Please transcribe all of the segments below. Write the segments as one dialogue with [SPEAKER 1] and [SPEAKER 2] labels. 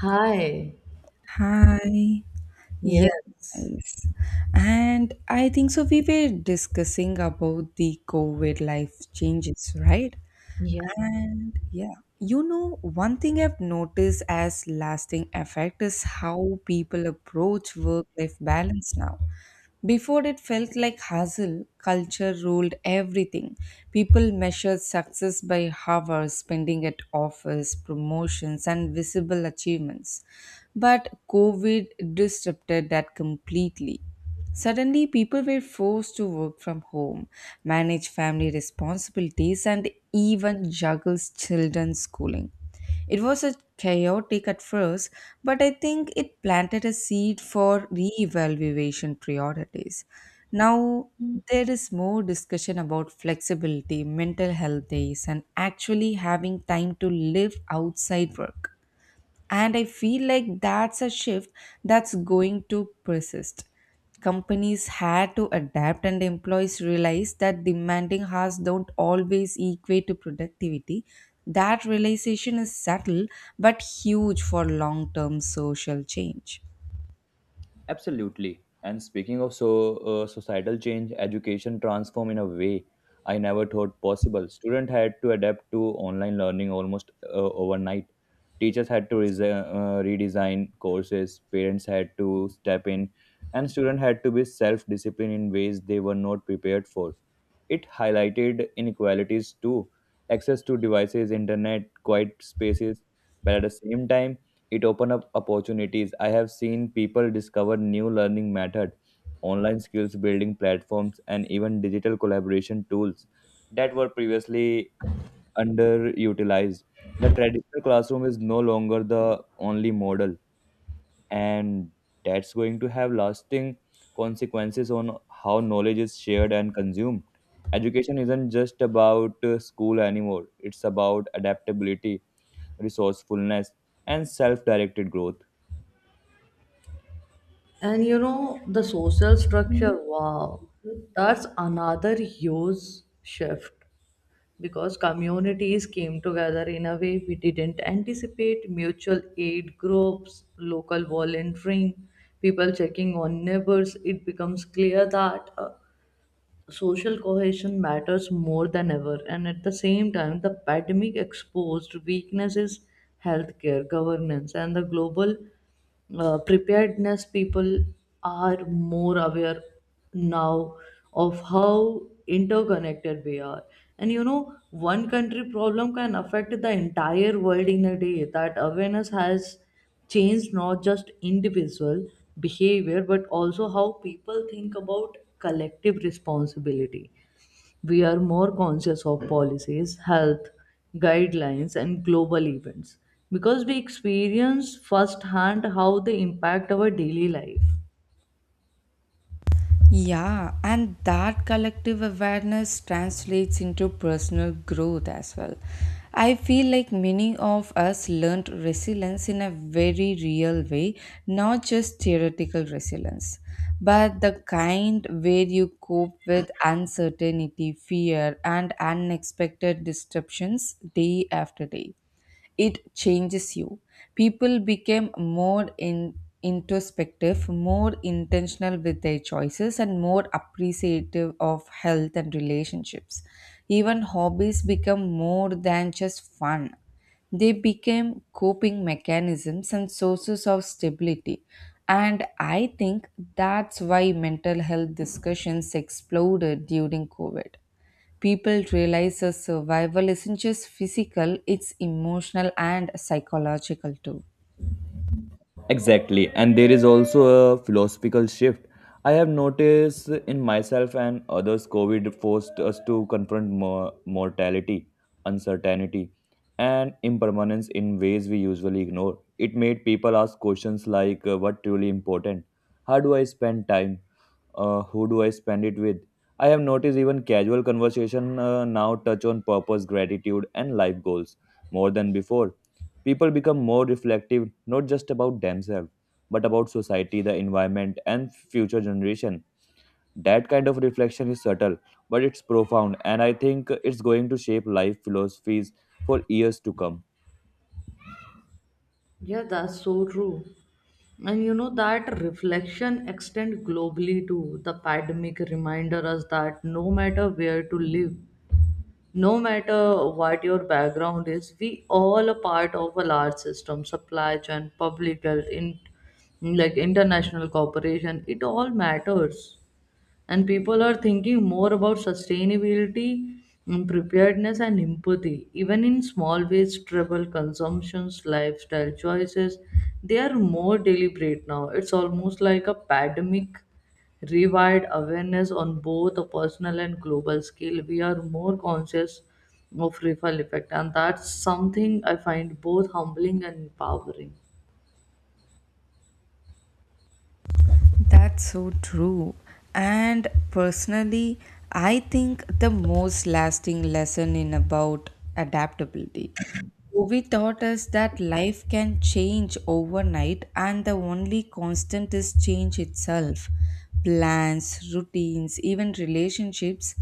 [SPEAKER 1] Hi.
[SPEAKER 2] Hi.
[SPEAKER 1] Yes.
[SPEAKER 2] Yes. And I think so we were discussing about the COVID life changes, right?
[SPEAKER 1] Yeah.
[SPEAKER 2] And yeah, one thing I've noticed as lasting effect is how people approach work-life balance now. Before it felt like hustle, culture ruled everything. People measured success by hours spending at office, promotions, and visible achievements. But COVID disrupted that completely. Suddenly, people were forced to work from home, manage family responsibilities, and even juggles children's schooling. It was a chaotic at first, but I think it planted a seed for re-evaluation priorities. Now there is more discussion about flexibility, mental health days, and actually having time to live outside work. And I feel like that's a shift that's going to persist. Companies had to adapt, and employees realized that demanding hours don't always equate to productivity. That realization is subtle but huge for long term social change.
[SPEAKER 3] Absolutely. And speaking of societal change, education transform in a way I never thought possible. Student had to adapt to online learning almost overnight. Teachers had to redesign courses. Parents had to step in, and student had to be self-disciplined in ways they were not prepared for. It highlighted inequalities too, access to devices, internet, quiet spaces, but at the same time, it opened up opportunities. I have seen people discover new learning methods, online skills building platforms, and even digital collaboration tools that were previously underutilized. The traditional classroom is no longer the only model, and that's going to have lasting consequences on how knowledge is shared and consumed. Education isn't just about school anymore. It's about adaptability, resourcefulness, and self-directed growth.
[SPEAKER 1] And you know, the social structure, wow, that's another huge shift because communities came together in a way we didn't anticipate. Mutual aid groups, local volunteering, people checking on neighbors. It becomes clear that social cohesion matters more than ever. And at the same time, the pandemic exposed weaknesses, healthcare, governance, and the global preparedness. People are more aware now of how interconnected we are, and you know, one country problem can affect the entire world in a day. That awareness has changed not just individual behavior, but also how people think about collective responsibility. We are more conscious of policies, health, guidelines, and global events because we experience firsthand how they impact our daily life.
[SPEAKER 2] Yeah, and that collective awareness translates into personal growth as well. I feel like many of us learned resilience in a very real way, not just theoretical resilience, but the kind where you cope with uncertainty, fear, and unexpected disruptions day after day it changes you. People became more introspective, more intentional with their choices, and more appreciative of health and relationships. Even hobbies become more than just fun. They became coping mechanisms and sources of stability. And I think that's why mental health discussions exploded during COVID people realize that survival isn't just physical, it's emotional and psychological too.
[SPEAKER 3] Exactly. And there is also a philosophical shift. I have noticed in myself and others, COVID forced us to confront mortality, uncertainty, and impermanence in ways we usually ignore. It made people ask questions like, what truly important? How do I spend time? Who do I spend it with? I have noticed even casual conversation now touch on purpose, gratitude, and life goals more than before. People become more reflective, not just about themselves, but about society, the environment, and future generation. That kind of reflection is subtle, but it's profound, and I think it's going to shape life philosophies for years to come.
[SPEAKER 1] Yeah, that's so true. And you know, that reflection extend globally too. The pandemic reminded us that no matter where to live, no matter what your background is, we all a part of a large system, supply chain, public health, in like international cooperation. It all matters, and people are thinking more about sustainability, preparedness, and empathy. Even in small ways, travel consumptions, lifestyle choices, they are more deliberate now. It's almost like a pandemic rewired awareness on both a personal and global scale. We are more conscious of ripple effect, and that's something I find both humbling and empowering.
[SPEAKER 2] That's so true. And personally, I think the most lasting lesson in about adaptability Movie taught us that life can change overnight and the only constant is change itself. Plans, routines, even relationships,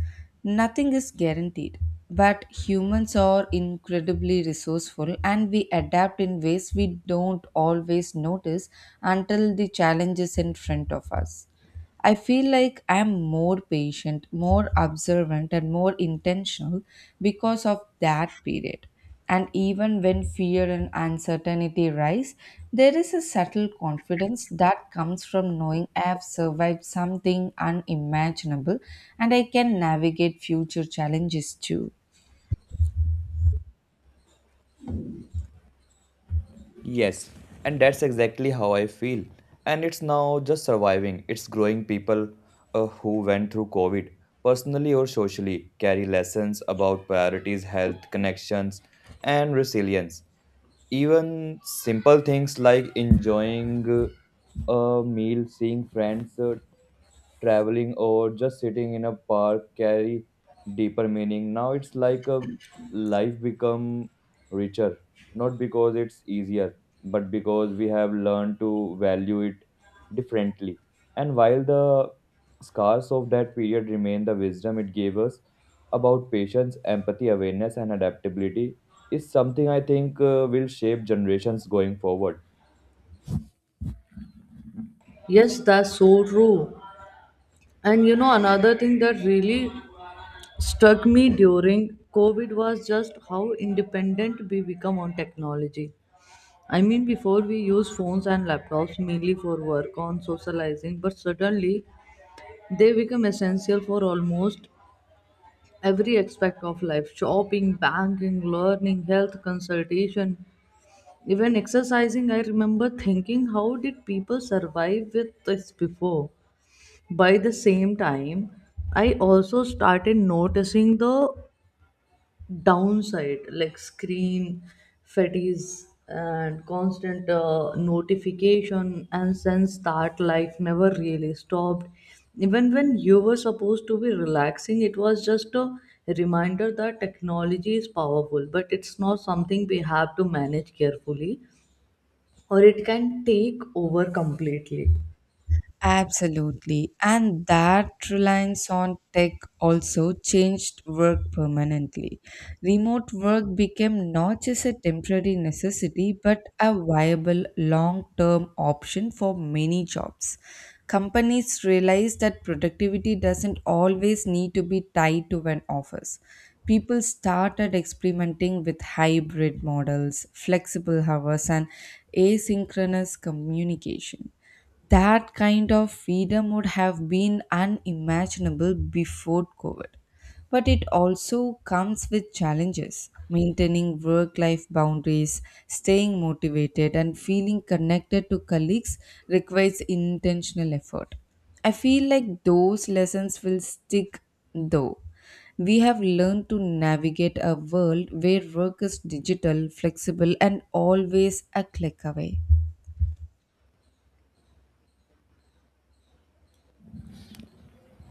[SPEAKER 2] nothing is guaranteed. But humans are incredibly resourceful and we adapt in ways we don't always notice until the challenge is in front of us. I feel like I'm more patient, more observant, and more intentional because of that period. And even when fear and uncertainty rise, there is a subtle confidence that comes from knowing I have survived something unimaginable and I can navigate future challenges too.
[SPEAKER 3] Yes, and that's exactly how I feel. And it's now just surviving. It's growing people who went through COVID, personally or socially, carry lessons about priorities, health, connections, and resilience. Even simple things like enjoying a meal, seeing friends, traveling or just sitting in a park carry deeper meaning now. It's like a life become richer, not because it's easier, but because we have learned to value it differently. And while the scars of that period remain, the wisdom it gave us about patience, empathy, awareness, and adaptability is something I think will shape generations going forward.
[SPEAKER 1] Yes, that's so true. And you know, another thing that really struck me during COVID was just how independent we become on technology. I mean, before we use phones and laptops mainly for work, on socializing, but suddenly they become essential for almost every aspect of life: shopping, banking, learning, health, consultation, even exercising. I remember thinking, how did people survive with this before? By the same time, I also started noticing the downside, like screen fatigue and constant notification, and sense that life never really stopped even when you were supposed to be relaxing. It was just a reminder that technology is powerful, but it's not something we have to manage carefully or it can take over completely.
[SPEAKER 2] Absolutely. And that reliance on tech also changed work permanently. Remote work became not just a temporary necessity, but a viable long term option for many jobs. Companies realized that productivity doesn't always need to be tied to an office. People started experimenting with hybrid models, flexible hours, and asynchronous communication that kind of freedom would have been unimaginable before COVID. But it also comes with challenges maintaining work life boundaries, staying motivated, and feeling connected to colleagues requires intentional effort. I feel like those lessons will stick though. We have learned to navigate a world where work is digital, flexible, and always a click away.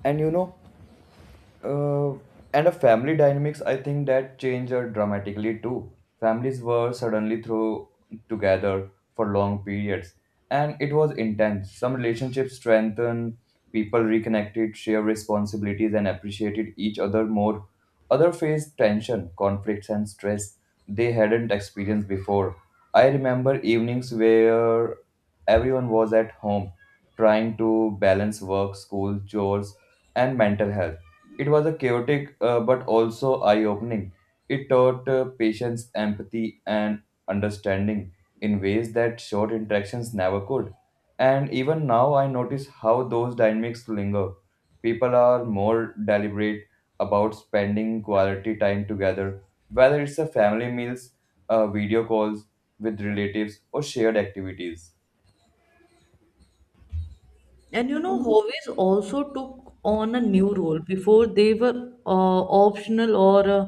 [SPEAKER 3] And uh, and a family dynamics I think that changed dramatically too. Families were suddenly thrown together for long periods, and it was intense. Some relationships strengthened, people reconnected, shared responsibilities, and appreciated each other more. Other faced tension, conflicts, and stress they hadn't experienced before. I remember evenings where everyone was at home, trying to balance work, school, chores, and mental health. It was a chaotic but also eye opening. It taught patience, empathy, and understanding in ways that short interactions never could. And even now, I notice how those dynamics linger. People are more deliberate about spending quality time together, whether it's a family meals, video calls with relatives, or shared activities.
[SPEAKER 1] And you know, hobbies also took on a new role. Before, they were optional or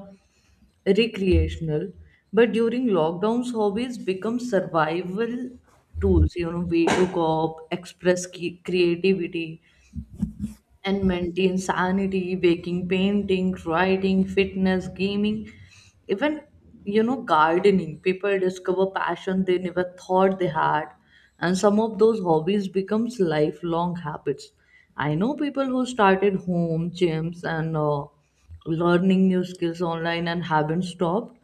[SPEAKER 1] recreational, but during lockdowns, hobbies become survival tools. You know, way to cope, express creativity, and maintain sanity: baking, painting, writing, fitness, gaming, even, you know, gardening. People discover passion they never thought they had, and some of those hobbies becomes lifelong habits. I know people who started home gyms and learning new skills online and haven't stopped.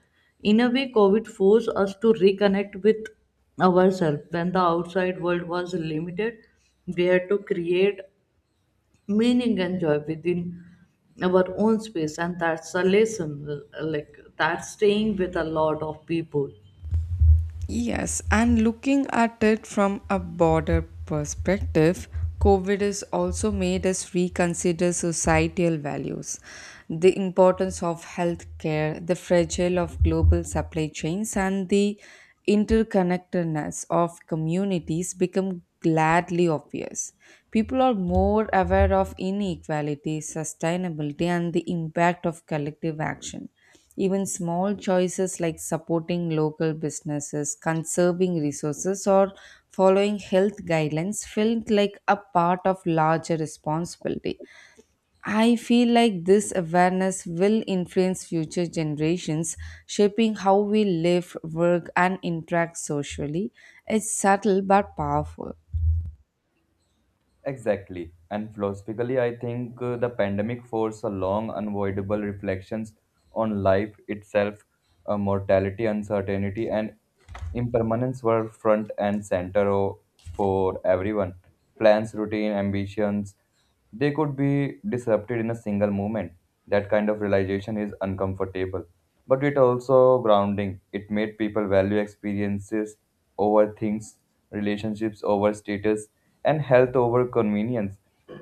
[SPEAKER 1] In a way, COVID forced us to reconnect with ourselves. When the outside world was limited, we had to create meaning and joy within our own space, and that's a lesson, that's staying with a lot of people.
[SPEAKER 2] Yes, and looking at it from a broader perspective, COVID has also made us reconsider societal values, the importance of healthcare, the fragile of global supply chains, and the interconnectedness of communities become gladly obvious. People are more aware of inequality, sustainability, and the impact of collective action even small choices like supporting local businesses, conserving resources, or following health guidelines felt like a part of larger responsibility. I feel like this awareness will influence future generations, shaping how we live, work, and interact socially. It's subtle but powerful.
[SPEAKER 3] Exactly. And philosophically, I think the pandemic forced a long, unavoidable reflections on life itself, mortality, uncertainty, and impermanence were front and center for everyone. Plans, routine, ambitions, they could be disrupted in a single moment. That kind of realization is uncomfortable, but it also grounding. It made people value experiences over things, relationships over status, and health over convenience.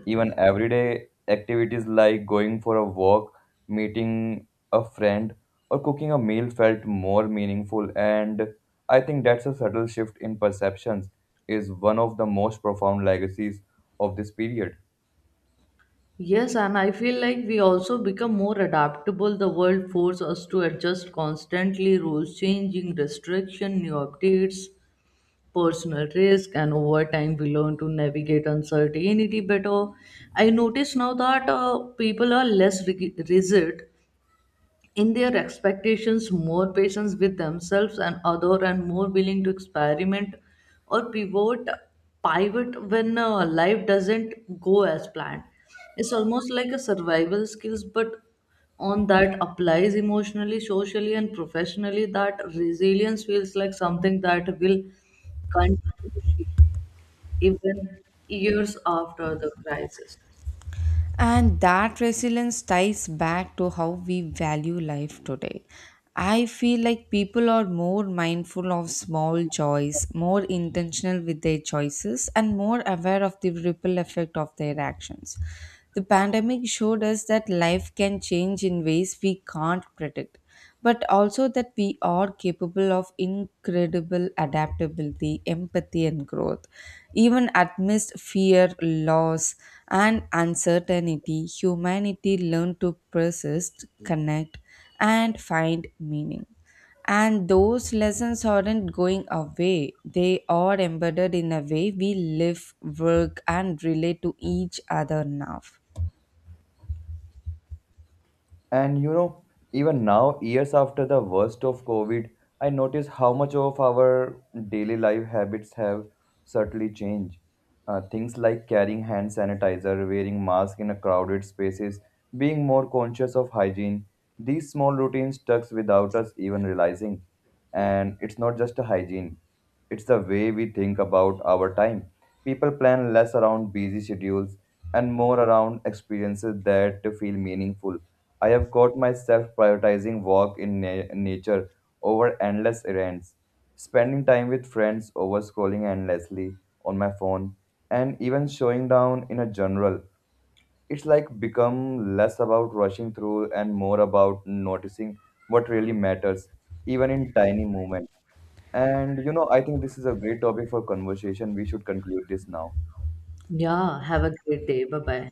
[SPEAKER 3] Even everyday activities like going for a walk, meeting a friend, or cooking a meal felt more meaningful. And I think that's a subtle shift in perceptions is one of the most profound legacies of this period.
[SPEAKER 1] Yes, and I feel like we also become more adaptable. The world forces us to adjust constantly: rules changing, restriction, new updates, personal risk. And over time, we learn to navigate uncertainty better. I notice now that people are less rigid in their expectations, more patience with themselves and other, and more willing to experiment or pivot when life doesn't go as planned. It's almost like a survival skills, but on that applies emotionally, socially, and professionally. That resilience feels like something that will continue to shape even years after the crisis.
[SPEAKER 2] And that resilience ties back to how we value life today. I feel like people are more mindful of small joys, more intentional with their choices, and more aware of the ripple effect of their actions. The pandemic showed us that life can change in ways we can't predict, but also that we are capable of incredible adaptability, empathy, and growth. Even amidst fear, loss, and uncertainty, humanity learned to persist, connect, and find meaning. And those lessons aren't going away, they are embedded in a way we live, work, and relate to each other now.
[SPEAKER 3] And you know, even now, years after the worst of COVID, I notice how much of our daily life habits have certainly changed. Things like carrying hand sanitizer, wearing masks in a crowded spaces, being more conscious of hygiene. These small routines tucks without us even realizing. And it's not just a hygiene, it's the way we think about our time. People plan less around busy schedules and more around experiences that feel meaningful. I have caught myself prioritizing walk in nature over endless errands, spending time with friends over scrolling endlessly on my phone, and even showing down in a general. It's like become less about rushing through and more about noticing what really matters, even in tiny moments. And you know, I think this is a great topic for conversation. We should conclude this now.
[SPEAKER 1] Yeah, have a great day. Bye bye.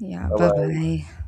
[SPEAKER 2] Yeah,
[SPEAKER 3] Bye
[SPEAKER 2] bye
[SPEAKER 3] bye.
[SPEAKER 2] bye.